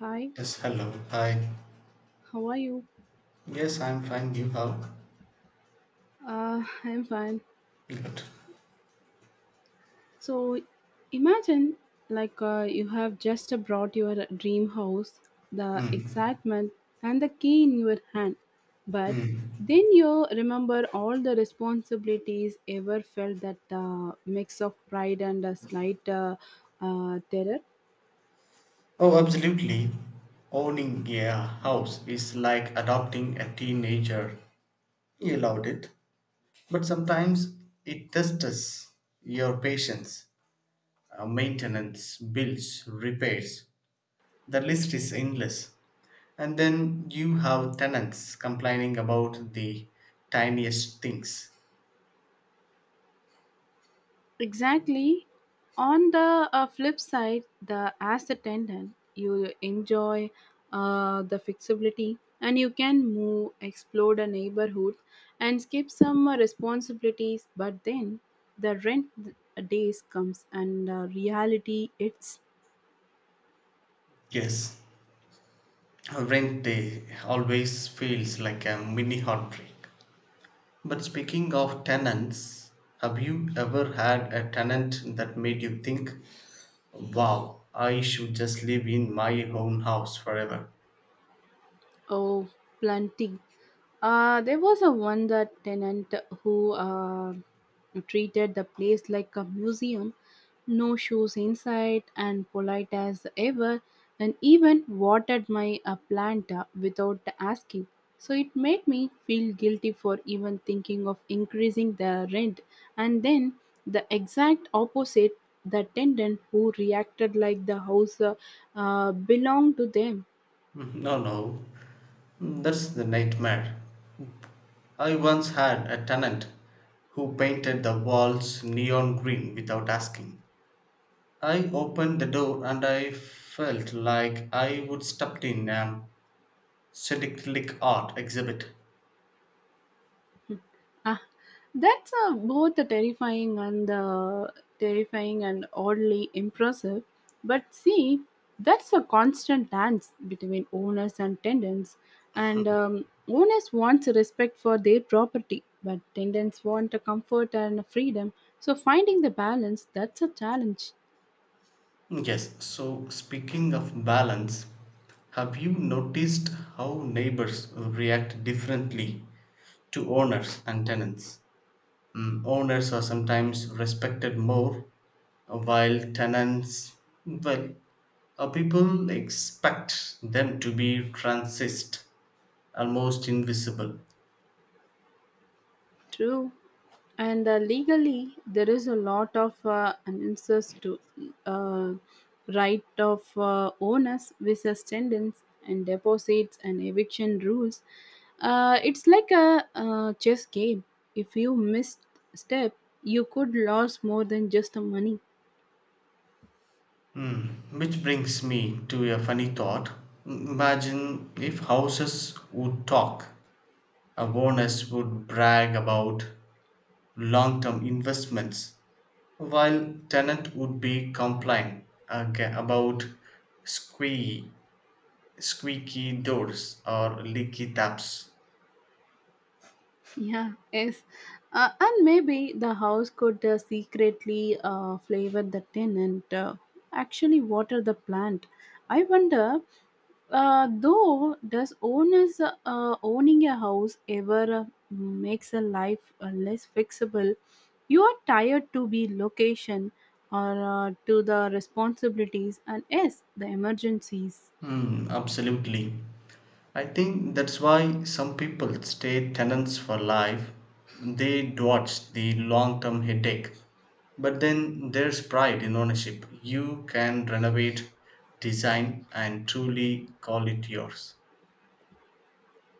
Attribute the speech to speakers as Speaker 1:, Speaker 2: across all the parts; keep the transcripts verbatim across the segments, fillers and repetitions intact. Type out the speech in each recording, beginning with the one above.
Speaker 1: Hi,
Speaker 2: Yes, hello. Hi.
Speaker 1: how are you?
Speaker 2: Yes, I'm fine. You how?
Speaker 1: Uh, I'm fine.
Speaker 2: Good.
Speaker 1: So, imagine like uh, you have just brought your dream house, the
Speaker 2: Hmm.
Speaker 1: excitement, and the key in your hand. But
Speaker 2: Hmm.
Speaker 1: then you remember all the responsibilities ever felt that uh, mix of pride and a slight uh, uh, terror.
Speaker 2: Oh, absolutely. Owning a house is like adopting a teenager. You loved it, but sometimes it tests your patience. Uh, maintenance, bills, repairs. The list is endless. And then you have tenants complaining about the tiniest things.
Speaker 1: Exactly. On the uh, flip side, the as attendant, you enjoy uh, the flexibility and you can move, explore the neighborhood, and skip some uh, responsibilities. But then the rent days comes and uh, reality it's
Speaker 2: Yes. Rent day always feels like a mini heartbreak. But speaking of tenants, have you ever had a tenant that made you think, wow, I should just live in my own house forever?
Speaker 1: oh plenty. Uh, there was a one that tenant who uh, treated the place like a museum, no shoes inside, and polite as ever, and even watered my uh, plant uh, without asking. So it made me feel guilty for even thinking of increasing the rent. And then the exact opposite, the tenant who reacted like the house uh, uh, belonged to them.
Speaker 2: Mm, no, no, mm, that's the nightmare. I once had a tenant who painted the walls neon green without asking. I opened the door and I felt like I would stepped in an psychedelic art exhibit.
Speaker 1: Ah, that's uh, both the terrifying and uh, terrifying and oddly impressive. But see, that's a constant dance between owners and tenants. And um, owners want respect for their property, but tenants want a comfort and freedom. So finding the balance, that's a challenge.
Speaker 2: Yes, so speaking of balance, have you noticed how neighbors react differently to owners and tenants? Mm, owners are sometimes respected more, while tenants, well, uh, people expect them to be transist, almost invisible.
Speaker 1: True. And uh, legally, there is a lot of uh, answers to uh, right of uh, owners, versus tenants, and deposits and eviction rules. Uh, it's like a uh, chess game. If you miss step, you could lose more than just the money.
Speaker 2: Mm, which brings me to a funny thought. Imagine if houses would talk. A bonus would brag about long term investments, while tenant would be complaining aga- about squeaky, squeaky doors or leaky taps.
Speaker 1: Yeah, yes. Uh, and maybe the house could uh, secretly uh, flavor the tenant, uh, actually water the plant. I wonder. Uh, though, does owners uh, owning a house ever uh, makes a life uh, less fixable? You are tired to be location or uh, to the responsibilities and yes, the emergencies.
Speaker 2: Hmm, absolutely. I think that's why some people stay tenants for life. They dodge the long term headache. But then there's pride in ownership. You can renovate, design, and truly call it yours.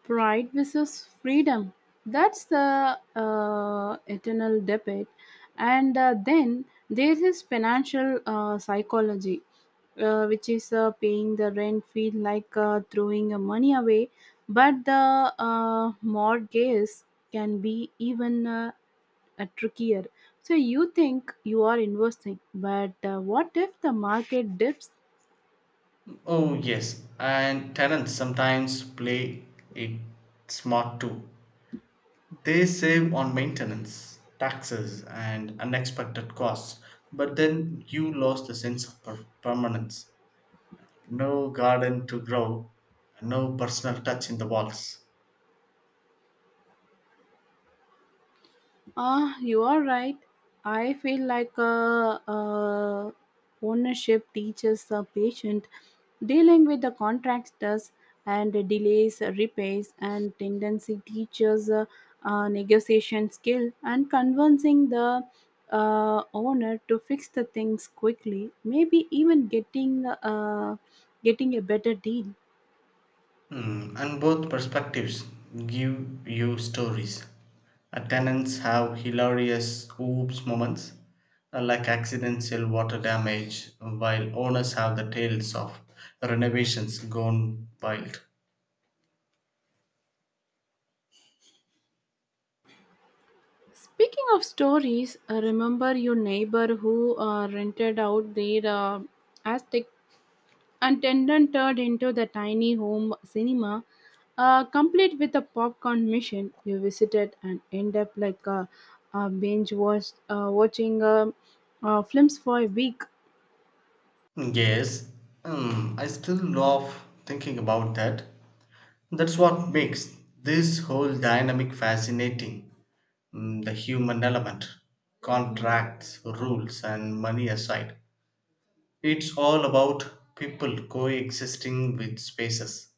Speaker 1: Pride versus freedom. That's the uh, eternal debate. And uh, then there is financial uh, psychology, uh, which is uh, paying the rent feel like uh, throwing your money away, but the uh, mortgage can be even uh, uh, trickier. So you think you are investing, but uh, what if the market dips.
Speaker 2: Oh, yes, and tenants sometimes play it smart too. They save on maintenance, taxes, and unexpected costs, but then you lose the sense of per- permanence. No garden to grow, no personal touch in the walls.
Speaker 1: Ah, you are right. I feel like uh, uh, ownership teaches the patient dealing with the contractors and delays, repairs, and tendency teaches uh, uh, negotiation skill and convincing the uh, owner to fix the things quickly. Maybe even getting uh, getting a better deal.
Speaker 2: Hmm, and both perspectives give you stories. Uh, tenants have hilarious oops moments, uh, like accidental water damage, while owners have the tales of renovations gone wild.
Speaker 1: Speaking of stories, uh, remember your neighbor who uh, rented out their uh, Aztec and Tendon turned into the tiny home cinema, uh, complete with a popcorn machine. You visited and end up like a, a binge watch, uh, watching uh, uh, films for a week.
Speaker 2: Yes, hmm, I still love thinking about that. That's what makes this whole dynamic fascinating. Mm, the human element, contracts, rules, and money aside. It's all about people coexisting with spaces.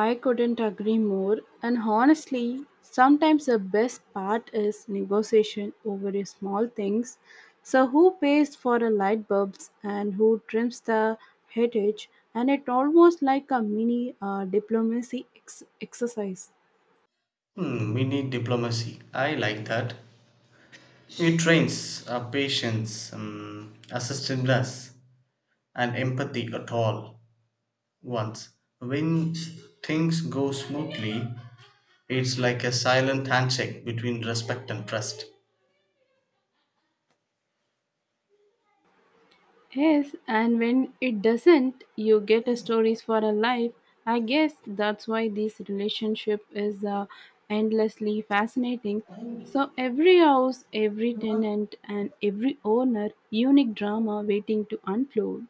Speaker 1: I couldn't agree more. And honestly, sometimes the best part is negotiation over the small things. So, who pays for the light bulbs and who trims the headage? And it almost like a mini uh, diplomacy ex- exercise.
Speaker 2: Hmm, mini diplomacy. I like that. It trains our patience, um, assertiveness, and empathy at all once. When things go smoothly, it's like a silent handshake between respect and trust.
Speaker 1: Yes, and when it doesn't, you get a stories for a life. I guess that's why this relationship is uh, endlessly fascinating. So every house, every tenant, and every owner, unique drama waiting to unfold.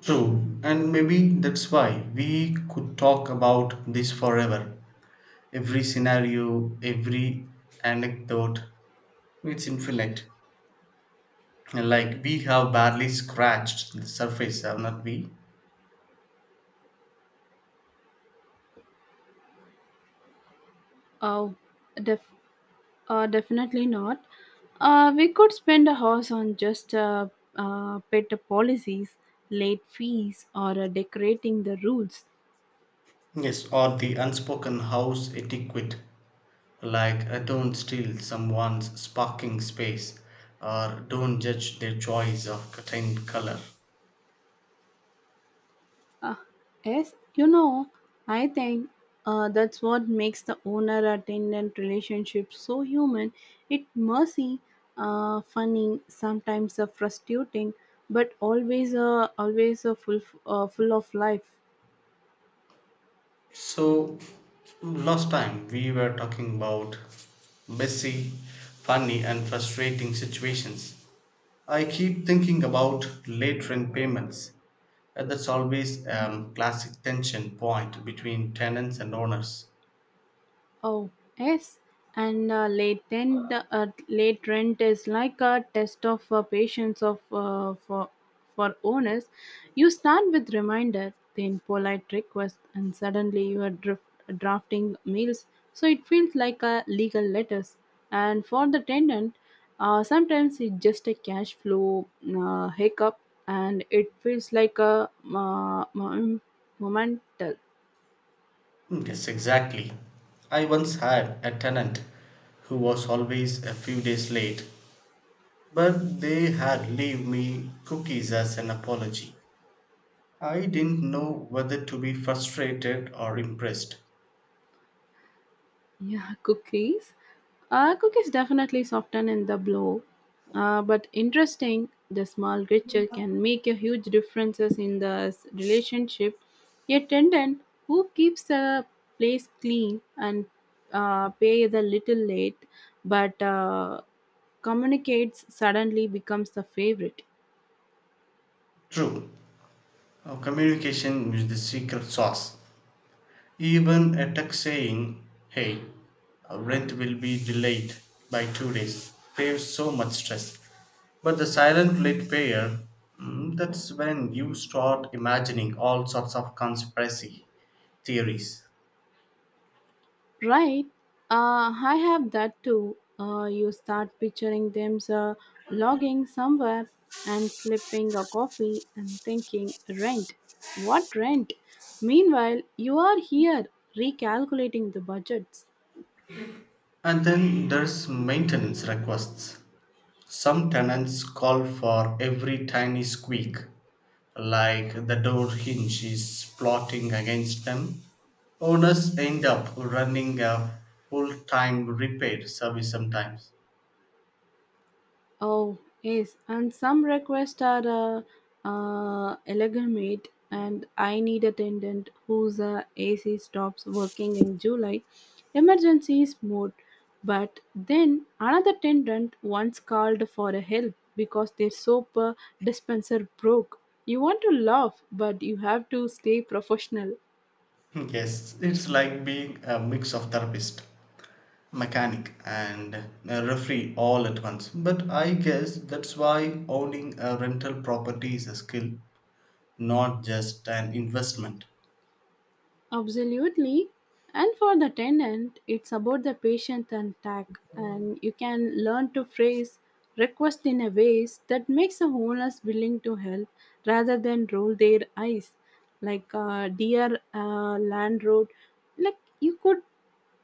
Speaker 2: True, and maybe that's why we could talk about this forever. Every scenario, every anecdote, it's infinite. Like we have barely scratched the surface, haven't we?
Speaker 1: Oh, def- uh, definitely not. Uh, we could spend a house on just uh, uh, pet policies, late fees, or uh, decorating the rules.
Speaker 2: Yes, or the unspoken house etiquette, like uh, don't steal someone's parking space or don't judge their choice of curtain color.
Speaker 1: Uh, yes, you know, I think uh, that's what makes the owner attendant relationship so human. It messy, uh, funny, sometimes uh, frustrating, but always uh, always uh, full uh, full of life.
Speaker 2: So, last time we were talking about messy, funny, and frustrating situations. I keep thinking about late rent payments. Uh, That's always a classic tension point between tenants and owners.
Speaker 1: Oh, yes. And uh, late rent, uh, late rent is like a test of uh, patience of uh, for for owners. You start with reminder, then polite request, and suddenly you are drift, drafting meals. So it feels like a legal letters. And for the tenant, uh, sometimes it's just a cash flow uh, hiccup, and it feels like a uh, moment.
Speaker 2: Mm, yes, exactly. I once had a tenant who was always a few days late, but they had leave me cookies as an apology. I didn't know whether to be frustrated or impressed.
Speaker 1: Yeah, cookies. Uh, cookies definitely soften in the blow, uh, but interesting. The small gesture can make a huge differences in the s- relationship. A attendant who keeps the place clean and uh, pay the little late, but uh, communicates suddenly becomes the favorite.
Speaker 2: True, uh, communication is the secret sauce. Even a text saying, hey, uh, rent will be delayed by two days, saves so much stress. But the silent late payer, mm, that's when you start imagining all sorts of conspiracy theories.
Speaker 1: Right. Uh, I have that too. Uh, you start picturing them uh, logging somewhere and slipping a coffee and thinking, rent. What rent? Meanwhile, you are here recalculating the budgets.
Speaker 2: And then there's maintenance requests. Some tenants call for every tiny squeak, like the door hinge is plotting against them. Owners end up running a full time repair service sometimes.
Speaker 1: Oh, yes, and some requests are uh, uh, illegitimate, and I need attendant whose uh, A C stops working in July, emergencies mode. But then another attendant once called for a help because their soap uh, dispenser broke. You want to laugh, but you have to stay professional.
Speaker 2: Yes, it's like being a mix of therapist, mechanic, and a referee all at once. But I guess that's why owning a rental property is a skill, not just an investment.
Speaker 1: Absolutely. And for the tenant, it's about the patience and tact, and you can learn to phrase request in a ways that makes the owners willing to help rather than roll their eyes. Like, uh, dear uh, landlord, like you could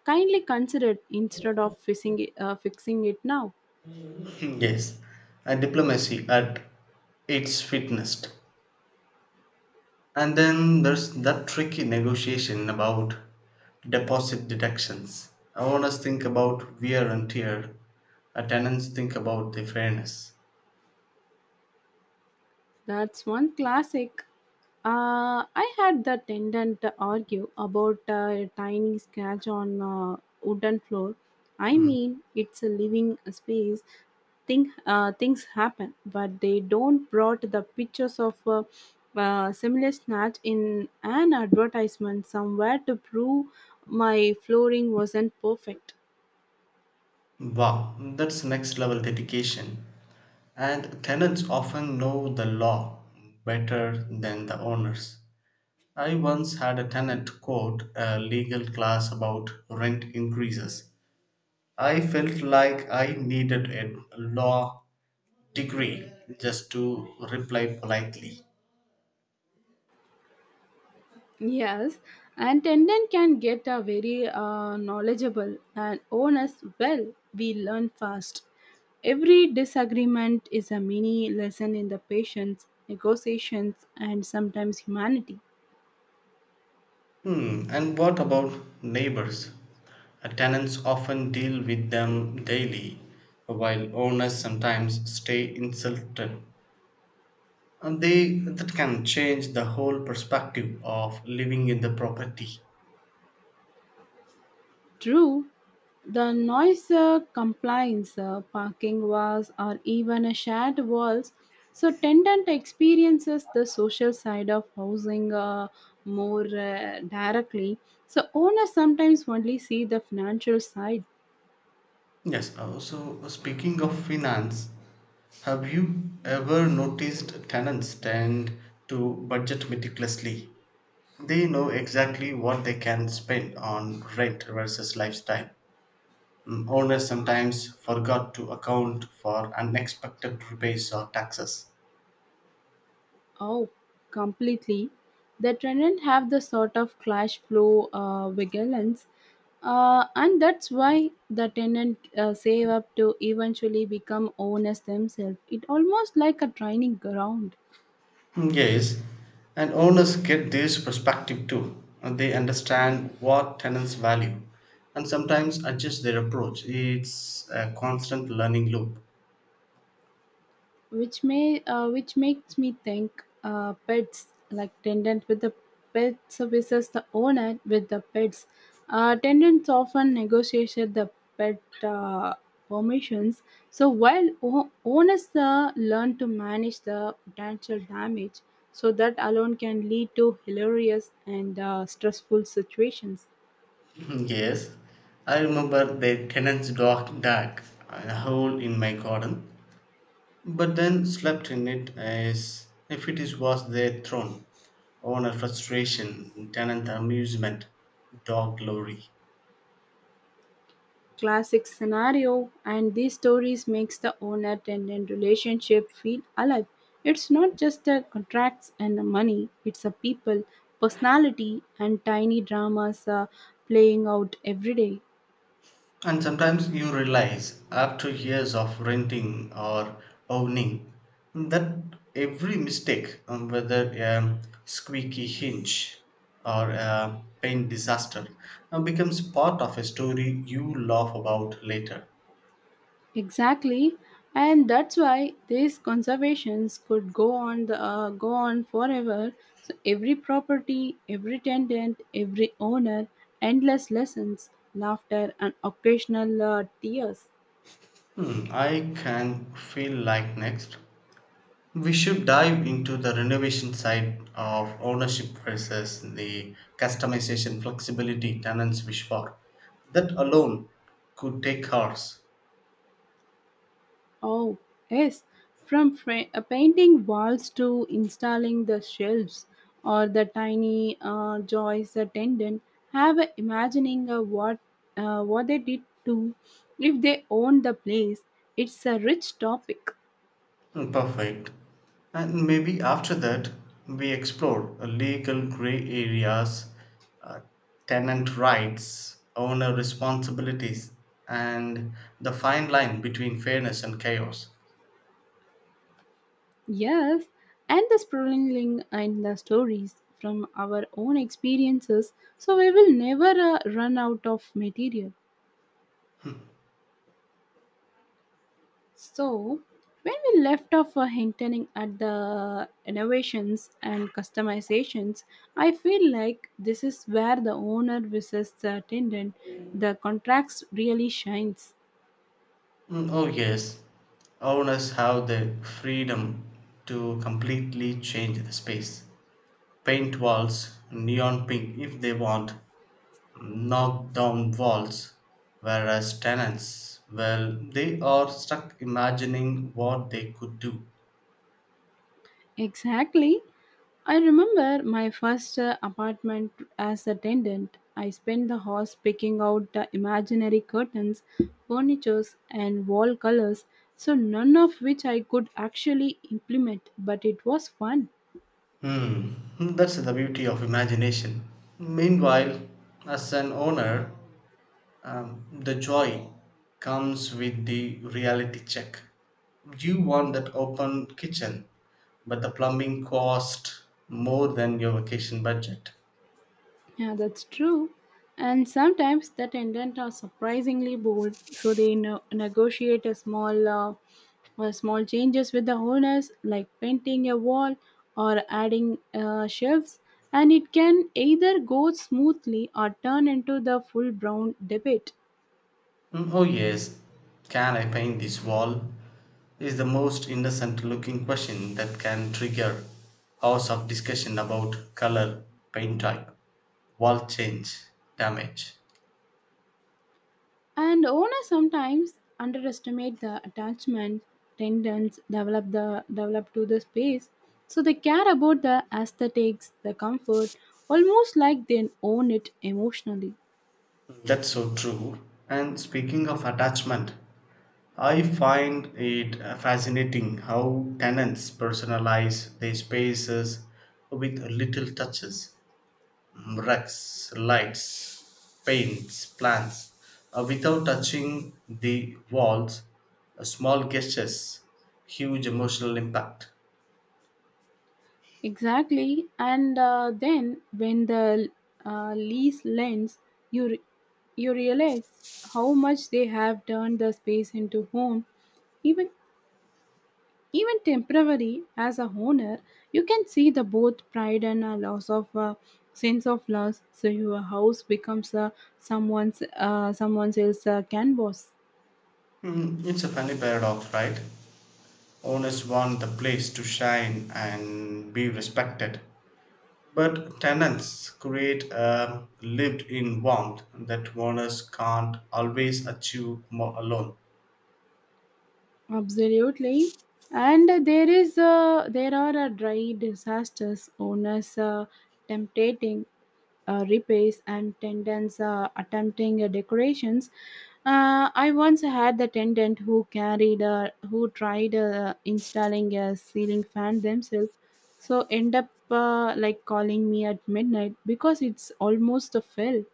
Speaker 1: kindly consider it instead of fixing it, uh, fixing it now.
Speaker 2: Hmm, yes, and diplomacy at its fitness. And then there's that tricky negotiation about deposit deductions. I want us think about wear and tear. Our tenants think about the fairness.
Speaker 1: That's one classic. Uh, I had the tenant argue about uh, a tiny scratch on a wooden floor. I
Speaker 2: Mm.
Speaker 1: mean, it's a living space. Thing, uh, things happen, but they don't brought the pictures of a, uh, similar snatch in an advertisement somewhere to prove my flooring wasn't perfect.
Speaker 2: Wow, that's next level dedication. And tenants often know the law better than the owners. I once had a tenant quote a legal class about rent increases. I felt like I needed a law degree just to reply politely.
Speaker 1: Yes, and attendant can get a very uh, knowledgeable and honest. Well, we learn fast. Every disagreement is a mini lesson in the patience, negotiations, and sometimes humanity.
Speaker 2: Hmm, and what about neighbors? Uh, Tenants often deal with them daily, while owners sometimes stay insulted. And they that can change the whole perspective of living in the property.
Speaker 1: True, the noise uh, compliance, uh, parking walls, or even a shared walls. So, tenant experiences the social side of housing uh, more uh, directly. So, owners sometimes only see the financial side.
Speaker 2: Yes, also speaking of finance, have you ever noticed tenants tend to budget meticulously? They know exactly what they can spend on rent versus lifestyle. Mm, owners sometimes forgot to account for unexpected rebates or taxes.
Speaker 1: Oh, completely. The Trident have the sort of clash flow uh, vigilance, uh, and that's why the tenant uh, save up to eventually become owners themselves. It almost like a training ground.
Speaker 2: Mm, yes, and owners get this perspective too. And they understand what tenants value and sometimes adjust their approach. It's a constant learning loop.
Speaker 1: Which may uh, which makes me think uh, pets like tenant with the pet services the owner with the pets, uh, tenants often negotiate the pet uh, permissions, so while o- owners uh, learn to manage the potential damage, so that alone can lead to hilarious and uh, stressful situations.
Speaker 2: Mm, yes, I remember the tenant's dog dug a hole in my garden, but then slept in it as if it is, was their throne. Owner frustration, tenant amusement, dog glory.
Speaker 1: Classic scenario, and these stories makes the owner tenant relationship feel alive. It's not just the contracts and the money, it's a people personality and tiny dramas uh, playing out every day.
Speaker 2: And sometimes you realize, after years of renting or owning, that every mistake, um, whether a squeaky hinge or a paint disaster, uh, becomes part of a story you laugh about later.
Speaker 1: Exactly, and that's why these conservations could go on the uh, go on forever. So every property, every tenant, every owner, endless lessons, laughter, and occasional uh, tears.
Speaker 2: Hmm, I can feel like next. We should dive into the renovation side of ownership versus the customization flexibility tenants wish for. That alone could take hours.
Speaker 1: Oh, yes, from fra- uh, painting walls to installing the shelves or the tiny uh, joys uh, tendon, have a imagining uh, what uh, what they did to if they own the place. It's a rich topic.
Speaker 2: Mm, perfect. And maybe after that, we explore uh, legal gray areas, uh, tenant rights, owner responsibilities, and the fine line between fairness and chaos.
Speaker 1: Yes, and the sprawling and the stories from our own experiences, so we will never uh, run out of material. So, when we left off uh, hinting at the innovations and customizations, I feel like this is where the owner versus the attendant, the contracts really shines.
Speaker 2: Mm, oh, yes. Owners have the freedom to completely change the space. Paint walls neon pink if they want, knock down walls. Whereas tenants, well, they are stuck imagining what they could do.
Speaker 1: Exactly. I remember my first uh, apartment as attendant. I spent the house picking out the imaginary curtains, furnitures, and wall colors, so none of which I could actually implement, but it was fun.
Speaker 2: Hmm, that's the beauty of imagination. Meanwhile, as an owner, um, the joy comes with the reality check. You want that open kitchen, but the plumbing cost more than your vacation budget.
Speaker 1: Yeah, that's true. And sometimes the intent are surprisingly bold, so they no- negotiate a small, uh, uh, small changes with the owners, like painting a wall or adding uh, shelves, and it can either go smoothly or turn into the full brown debate.
Speaker 2: Mm, oh, yes, can I paint this wall? Is the most innocent looking question that can trigger hours of discussion about color, paint type, wall change, damage.
Speaker 1: And owners sometimes underestimate the attachment tendons develop the develop to the space. So they care about the aesthetics, the comfort, almost like they own it emotionally.
Speaker 2: That's so true. And speaking of attachment, I find it uh, fascinating how tenants personalize their spaces with little touches, mm, rugs, lights, paints, plants, uh, without touching the walls, uh, small gestures, huge emotional impact.
Speaker 1: Exactly. And uh, then when the uh, lease lends, you re- you realize how much they have turned the space into home, even Even temporary, as a owner, you can see the both pride and a loss of uh, sense of loss. So your house becomes uh, someone's uh, someone else's uh, canvas.
Speaker 2: Mm, it's a funny paradox, right? Owners want the place to shine and be respected, but tenants create a lived in warmth that owners can't always achieve more alone.
Speaker 1: Absolutely. And there is uh, there are uh, dry disasters owners uh, temptating uh, repairs and tenants uh, attempting uh, decorations. Uh, I once had the tenant who carried, uh, who tried uh, installing a ceiling fan themselves, so end up uh, like calling me at midnight because it's almost a fail.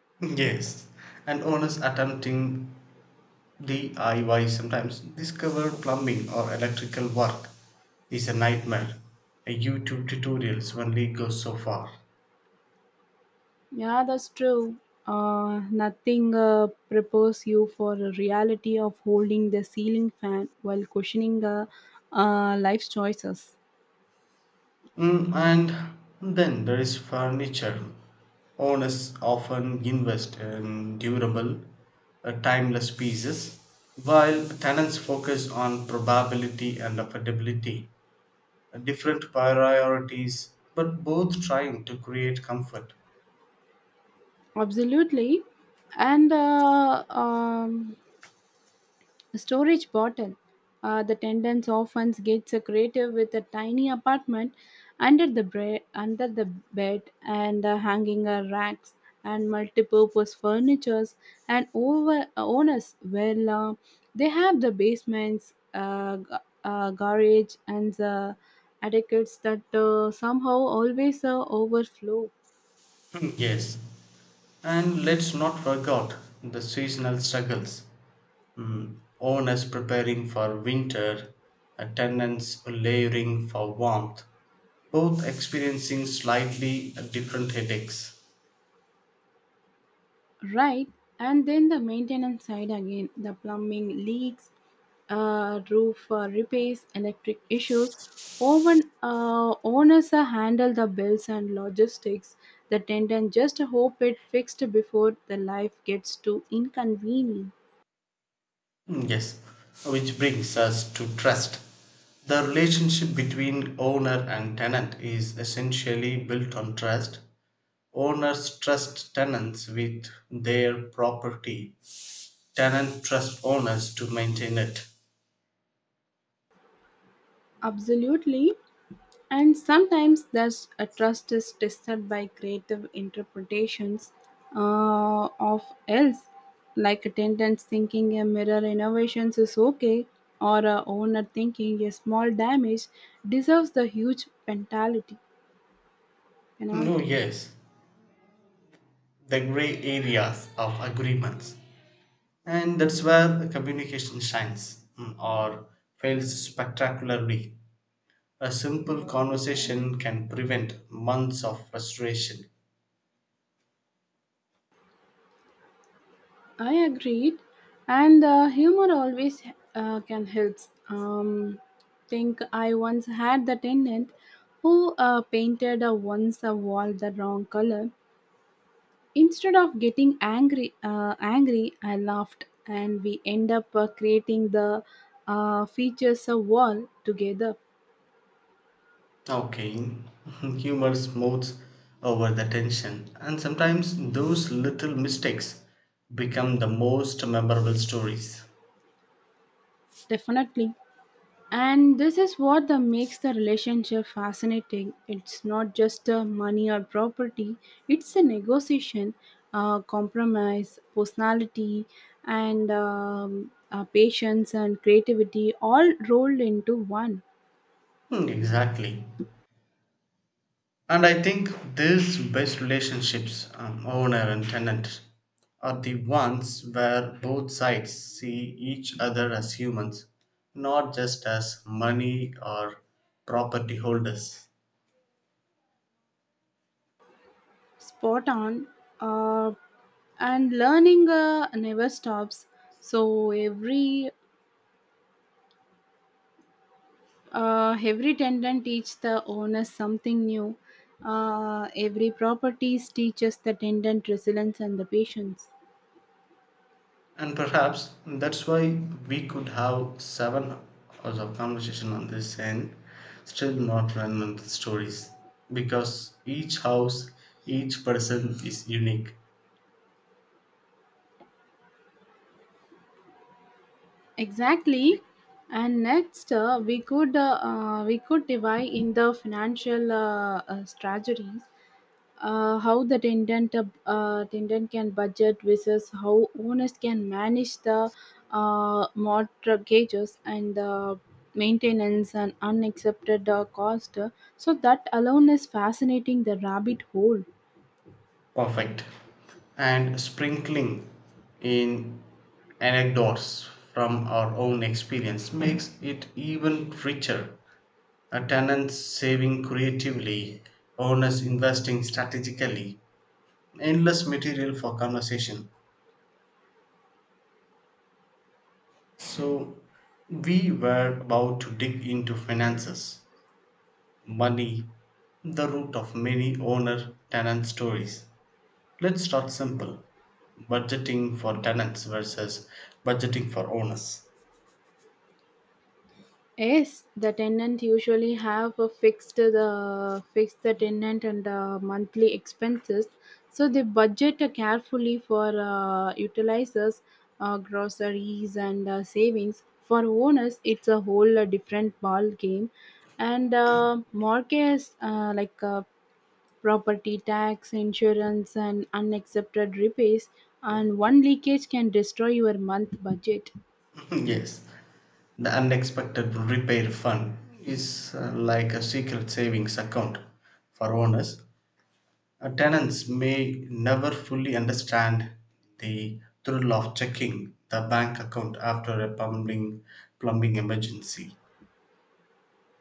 Speaker 2: Yes, and owners attempting D I Y sometimes discover plumbing or electrical work is a nightmare. A YouTube tutorials only go so far.
Speaker 1: Yeah, that's true. Uh, nothing uh, prepares you for the reality of holding the ceiling fan while questioning uh, uh, life's choices.
Speaker 2: Mm, and then there is furniture. Owners often invest in durable, uh, timeless pieces, while tenants focus on probability and affordability, uh, different priorities, but both trying to create comfort.
Speaker 1: Absolutely. And uh, um, a storage bottle. Uh, the tenants often gets a creative with a tiny apartment under the bre- under the bed and uh, hanging uh, racks and multi-purpose furnitures and over uh, owners well uh, they have the basements uh, g- uh, garage and the adequates that uh, somehow always uh, overflow.
Speaker 2: Hmm, yes, and let's not forget the seasonal struggles. Mm, owners preparing for winter, uh, tenants layering for warmth, both experiencing slightly different headaches.
Speaker 1: Right, and then the maintenance side again the plumbing leaks, uh, roof uh, repairs, electric issues. Often uh, owners uh, handle the bills and logistics. The tenant just hope it fixed before the life gets too inconvenient.
Speaker 2: Mm, yes, which brings us to trust. The relationship between owner and tenant is essentially built on trust. Owners trust tenants with their property, tenant trust owners to maintain it.
Speaker 1: Absolutely. And sometimes thus a trust is tested by creative interpretations uh, of else, like attendance thinking a mirror innovations is okay, or a owner thinking a small damage deserves the huge penalty.
Speaker 2: No,
Speaker 1: penalty.
Speaker 2: yes, the gray areas of agreements, and that's where communication shines, mm, or fails spectacularly. A simple conversation can prevent months of frustration.
Speaker 1: I agreed, and uh, humor always uh, can help. Um, think I once had the tenant who uh, painted uh, once a wall the wrong color. Instead of getting angry, uh, angry, I laughed, and we end up uh, creating the uh, features of wall together.
Speaker 2: Okay. Humor smooths over the tension, and sometimes those little mistakes become the most memorable stories.
Speaker 1: Definitely, and this is what the makes the relationship fascinating. It's not just uh, money or property; it's a negotiation, uh, compromise, personality, and um, uh, patience and creativity all rolled into one.
Speaker 2: Hmm, exactly. And I think these best relationships, um, owner and tenant, are the ones where both sides see each other as humans, not just as money or property holders.
Speaker 1: Spot on, uh, and learning uh, never stops, so every uh, every tendon teach the owner something new. Uh, every properties teaches the tendon resilience and the patience.
Speaker 2: And perhaps that's why we could have seven hours of conversation on this and still not run out of stories. Because each house, each person is unique.
Speaker 1: Exactly, and next, uh, we could uh, uh, we could divide in the financial uh, uh, strategies. Uh, how the tenant uh, tenant can budget versus how owners can manage the uh, mortgages and the maintenance and unaccepted uh, cost. So that alone is fascinating, the rabbit hole.
Speaker 2: Perfect. And sprinkling in anecdotes from our own experience makes it even richer. A tenant saving creatively, owners investing strategically, endless material for conversation. So, we were about to dig into finances, money, the root of many owner tenant stories. Let's start simple. Budgeting for tenants versus budgeting for owners.
Speaker 1: Yes, the tenant usually have a fixed the fixed the tenant and the monthly expenses, so they budget carefully for uh, utilizers, uh, groceries and uh, savings. For owners, it's a whole uh, different ball game, and uh, mortgage uh, like uh, property tax, insurance, and unaccepted repairs, and one leakage can destroy your month budget.
Speaker 2: Yes, the unexpected repair fund is uh, like a secret savings account for owners. Uh, tenants may never fully understand the thrill of checking the bank account after a plumbing, plumbing emergency.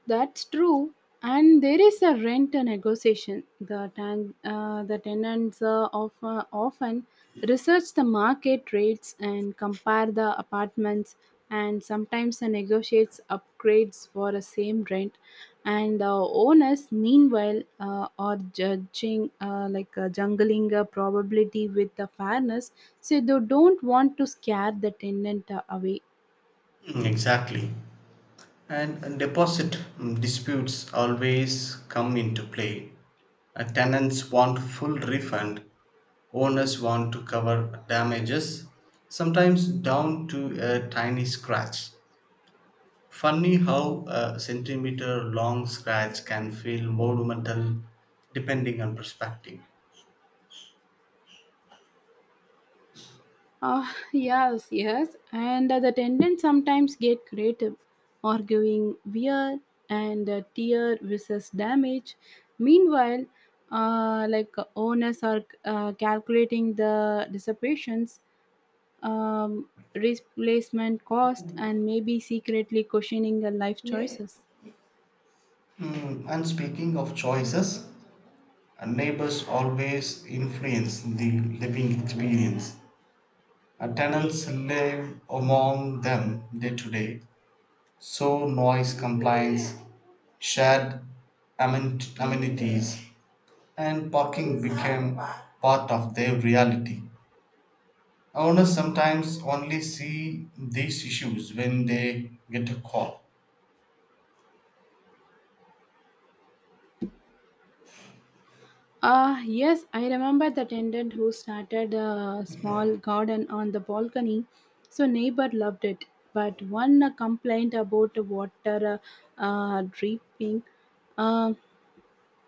Speaker 1: That's true. And there is a rent negotiation. The, ten, uh, the tenants uh, of, uh, often research the market rates and compare the apartments, and sometimes uh, negotiates upgrades for the same rent. And uh, owners, meanwhile, uh, are judging uh, like uh, jungling a probability with the fairness. So they don't want to scare the tenant uh, away.
Speaker 2: Mm, exactly. And deposit, mm, disputes always come into play. Uh, tenants want full refund, owners want to cover damages, sometimes down to a tiny scratch. Funny how a centimeter long scratch can feel monumental depending on perspective.
Speaker 1: Ah, yes, yes. And the attendants sometimes get creative, arguing wear and uh, tear versus damage. Meanwhile, uh, like uh, owners are uh, calculating the dissipations, um, replacement cost, and maybe secretly questioning their life choices.
Speaker 2: Mm, and speaking of choices, uh, neighbors always influence the living experience. Uh, Tenants live among them day to day, so noise complaints, shared amen- amenities, and parking became part of their reality. Owners sometimes only see these issues when they get a call.
Speaker 1: Uh, yes, I remember the tenant who started a small garden on the balcony, so neighbor loved it. But one uh, complained about the water uh, uh, dripping. Uh,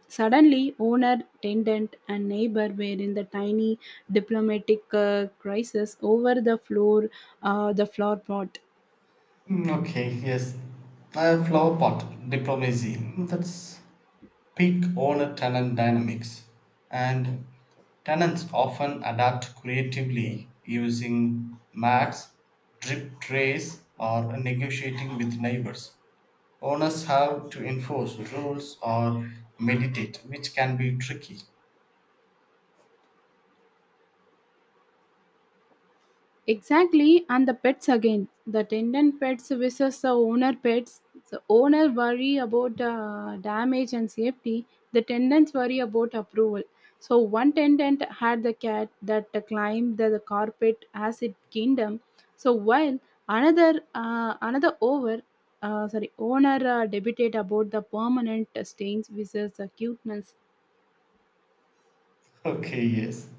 Speaker 1: Suddenly, owner, tenant, and neighbor were in the tiny diplomatic uh, crisis over the floor, uh, the floor pot.
Speaker 2: Mm, okay, yes. Uh, flower pot diplomacy. Hmm, that's peak owner tenant dynamics, and tenants often adapt creatively using mats, drip trays, or negotiating with neighbors. Owners have to enforce rules or mediate, which can be tricky.
Speaker 1: Exactly, and the pets again. The tenant pets versus the owner pets. The owner worry about uh, damage and safety. The tenants worry about approval. So one tenant had the cat that climbed the, the carpet as it kingdom. So while another uh, another over uh, sorry owner uh, debated about the permanent stains versus the cuteness.
Speaker 2: Okay, yes.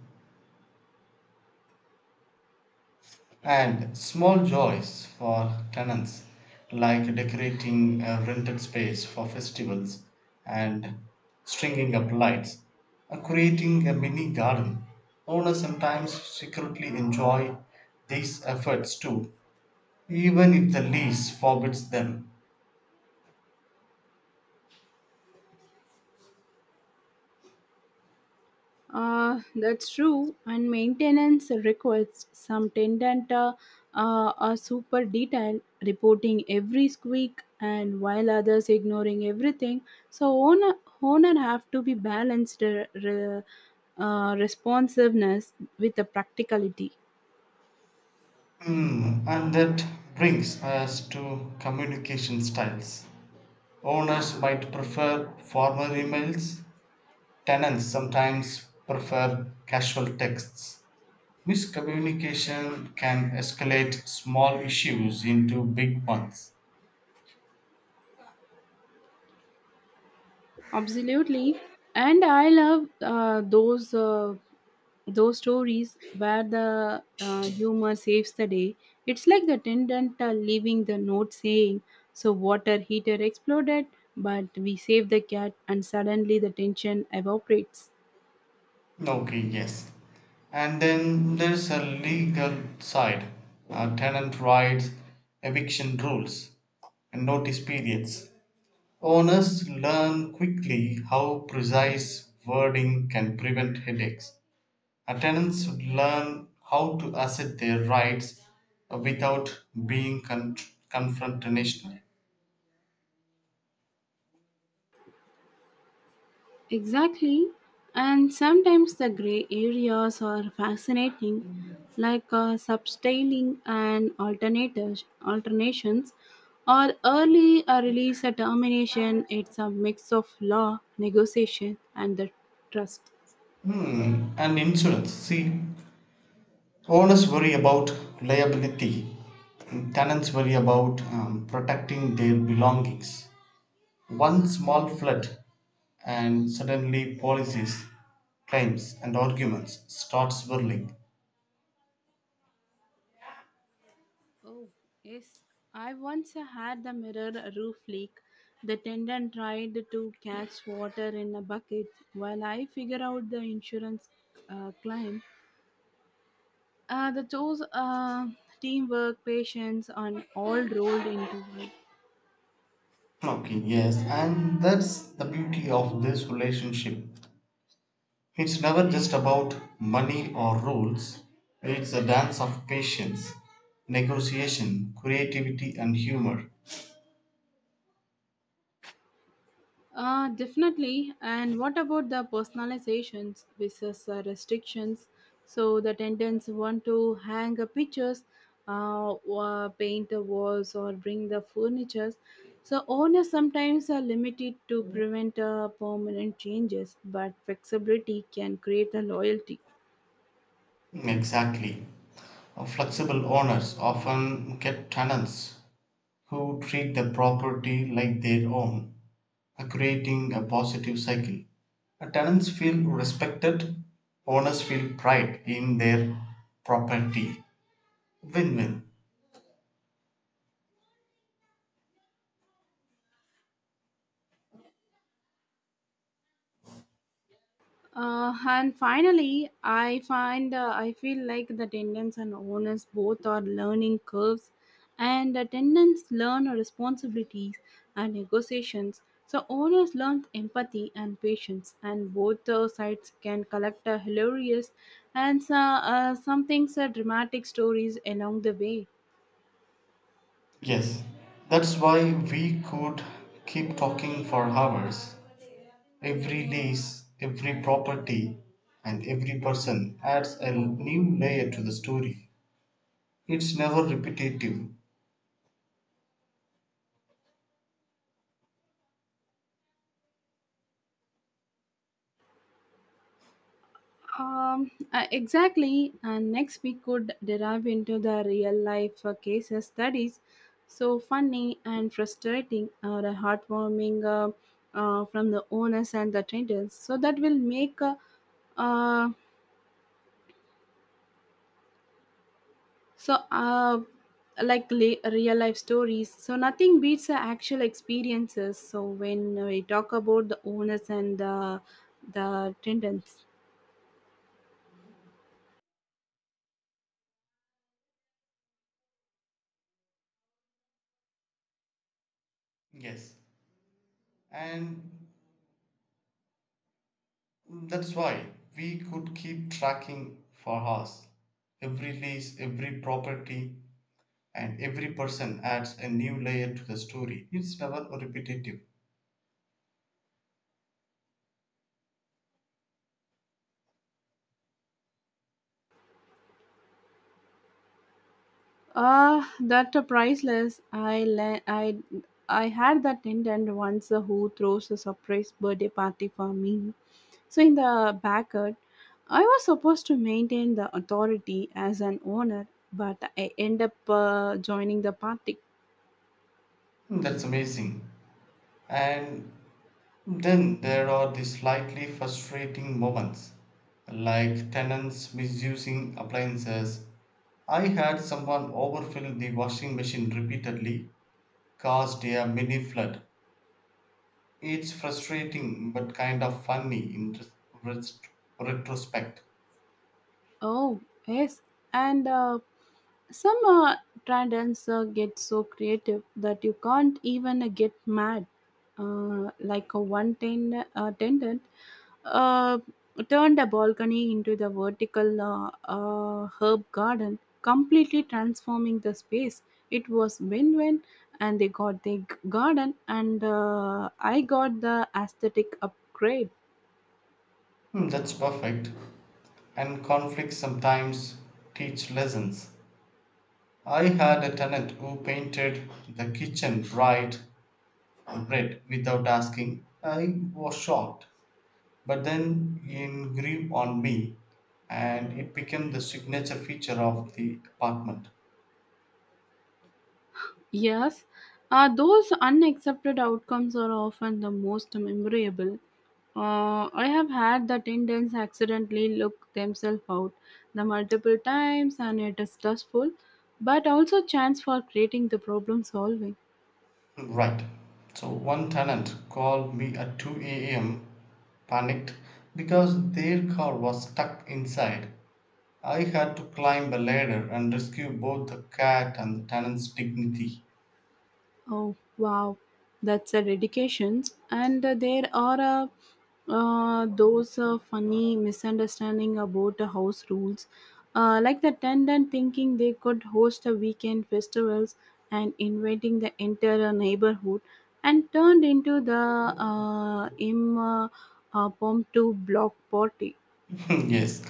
Speaker 2: And small joys for tenants, like decorating a rented space for festivals and stringing up lights, or creating a mini garden. Owners sometimes secretly enjoy these efforts too, even if the lease forbids them.
Speaker 1: Uh, that's true, and maintenance requires some tendant, uh, uh, a super detail reporting every squeak, and while others ignoring everything. So owner owner have to be balanced uh, re- uh, responsiveness with the practicality.
Speaker 2: Hmm, and that brings us to communication styles. Owners might prefer formal emails. Tenants sometimes prefer casual texts. Miscommunication can escalate small issues into big ones.
Speaker 1: Absolutely, and I love uh, those uh, those stories where the uh, humor saves the day. It's like the attendant uh, leaving the note saying, "So water heater exploded, but we saved the cat," and suddenly the tension evaporates.
Speaker 2: Okay, yes. And then there's a legal side, uh, tenant rights, eviction rules, and notice periods. Owners learn quickly how precise wording can prevent headaches. Tenants should learn how to assert their rights without being con- confrontational.
Speaker 1: Exactly. And sometimes the gray areas are fascinating, like uh, substyling and alternators, alternations, or early uh, release a termination. It's a mix of law, negotiation, and the trust.
Speaker 2: Hmm, and insurance. See, owners worry about liability, and tenants worry about um, protecting their belongings. One small flood, and suddenly policies, claims, and arguments start swirling.
Speaker 1: Oh, yes. I once had the mirror roof leak. The tenant tried to catch water in a bucket while I figure out the insurance uh, claim. Uh, the those uh, teamwork, patience, and all rolled into one.
Speaker 2: Okay, yes, and that's the beauty of this relationship. It's never just about money or rules, it's a dance of patience, negotiation, creativity, and humor.
Speaker 1: Uh, definitely. And what about the personalizations versus uh, restrictions? So the tenants want to hang uh, pictures, uh, or paint the walls, or bring the furnitures. So owners sometimes are limited to prevent uh, permanent changes, but flexibility can create a loyalty.
Speaker 2: Exactly. Flexible owners often get tenants who treat the property like their own, creating a positive cycle. Tenants feel respected, owners feel pride in their property. Win win.
Speaker 1: Uh, and finally, I find uh, I feel like the tendons and owners both are learning curves, and the tendons learn responsibilities and negotiations. So owners learn empathy and patience, and both uh, sides can collect a hilarious and so- uh, some things are dramatic stories along the way.
Speaker 2: Yes, that's why we could keep talking for hours. Every lease, every property, and every person adds a new layer to the story. It's never repetitive.
Speaker 1: Um, uh, exactly. And next, we could derive into the real life uh, cases studies. So funny and frustrating, or a heartwarming uh, uh, from the owners and the traders. So that will make uh, uh, so uh, like la- real life stories. So nothing beats the actual experiences. So when we talk about the owners and the the traders.
Speaker 2: Yes, and that's why we could keep tracking for hours. Every lease, every property, and every person adds a new layer to the story. It's never repetitive.
Speaker 1: Uh, that uh, priceless. I le- I I had that attendant once uh, who throws a surprise birthday party for me. So in the backyard, I was supposed to maintain the authority as an owner, but I end up uh, joining the party.
Speaker 2: That's amazing. And then there are the slightly frustrating moments, like tenants misusing appliances. I had someone overfill the washing machine repeatedly, caused a mini flood. It's frustrating but kind of funny in res- res- retrospect.
Speaker 1: Oh, yes, and uh, some uh, trendants uh, get so creative that you can't even uh, get mad. Uh, like a one ten, uh, tendon uh, turned a balcony into the vertical uh, uh, herb garden, completely transforming the space. It was win win, and they got the g- garden, and uh, I got the aesthetic upgrade.
Speaker 2: Hmm, that's perfect. And conflicts sometimes teach lessons. I had a tenant who painted the kitchen bright red without asking. I was shocked, but then in grew on me and it became the signature feature of the apartment.
Speaker 1: Yes, uh, those unaccepted outcomes are often the most memorable. Uh, I have had that Indians accidentally look themselves out the multiple times, and it is stressful, but also chance for creating the problem solving.
Speaker 2: Right. So one tenant called me at two a m panicked because their car was stuck inside. I had to climb a ladder and rescue both the cat and the tenant's dignity.
Speaker 1: Oh, wow. That's a dedication. And uh, there are uh, uh, those uh, funny misunderstanding about the house rules. Uh, like the tenant thinking they could host a weekend festivals and inviting the entire neighborhood and turned into the uh, impromptu uh, impromptu block party.
Speaker 2: Yes.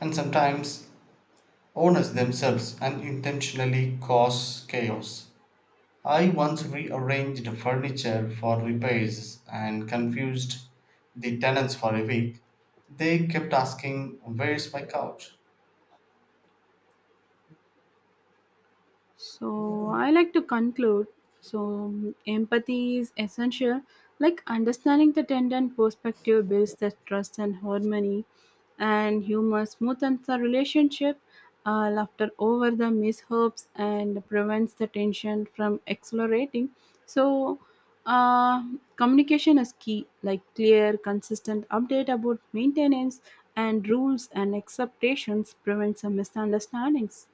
Speaker 2: And sometimes owners themselves unintentionally cause chaos. I once rearranged furniture for repairs and confused the tenants for a week. They kept asking, where's my couch?
Speaker 1: So I like to conclude. So empathy is essential. Like understanding the tender perspective builds the trust and harmony, and humor smoothens the relationship. Uh, laughter over the mishaps and prevents the tension from accelerating. So uh, Communication is key. Like clear, consistent update about maintenance and rules and expectations prevents the misunderstandings.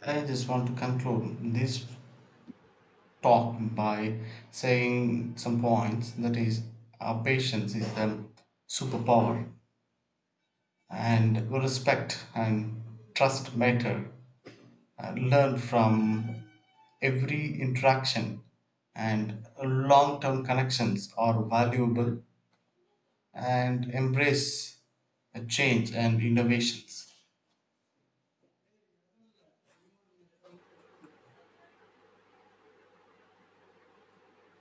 Speaker 2: I just want to conclude this talk by saying some points that is, our patience is the superpower, and respect and trust matter. Uh, learn from every interaction, and long term connections are valuable and embrace uh, change and innovations.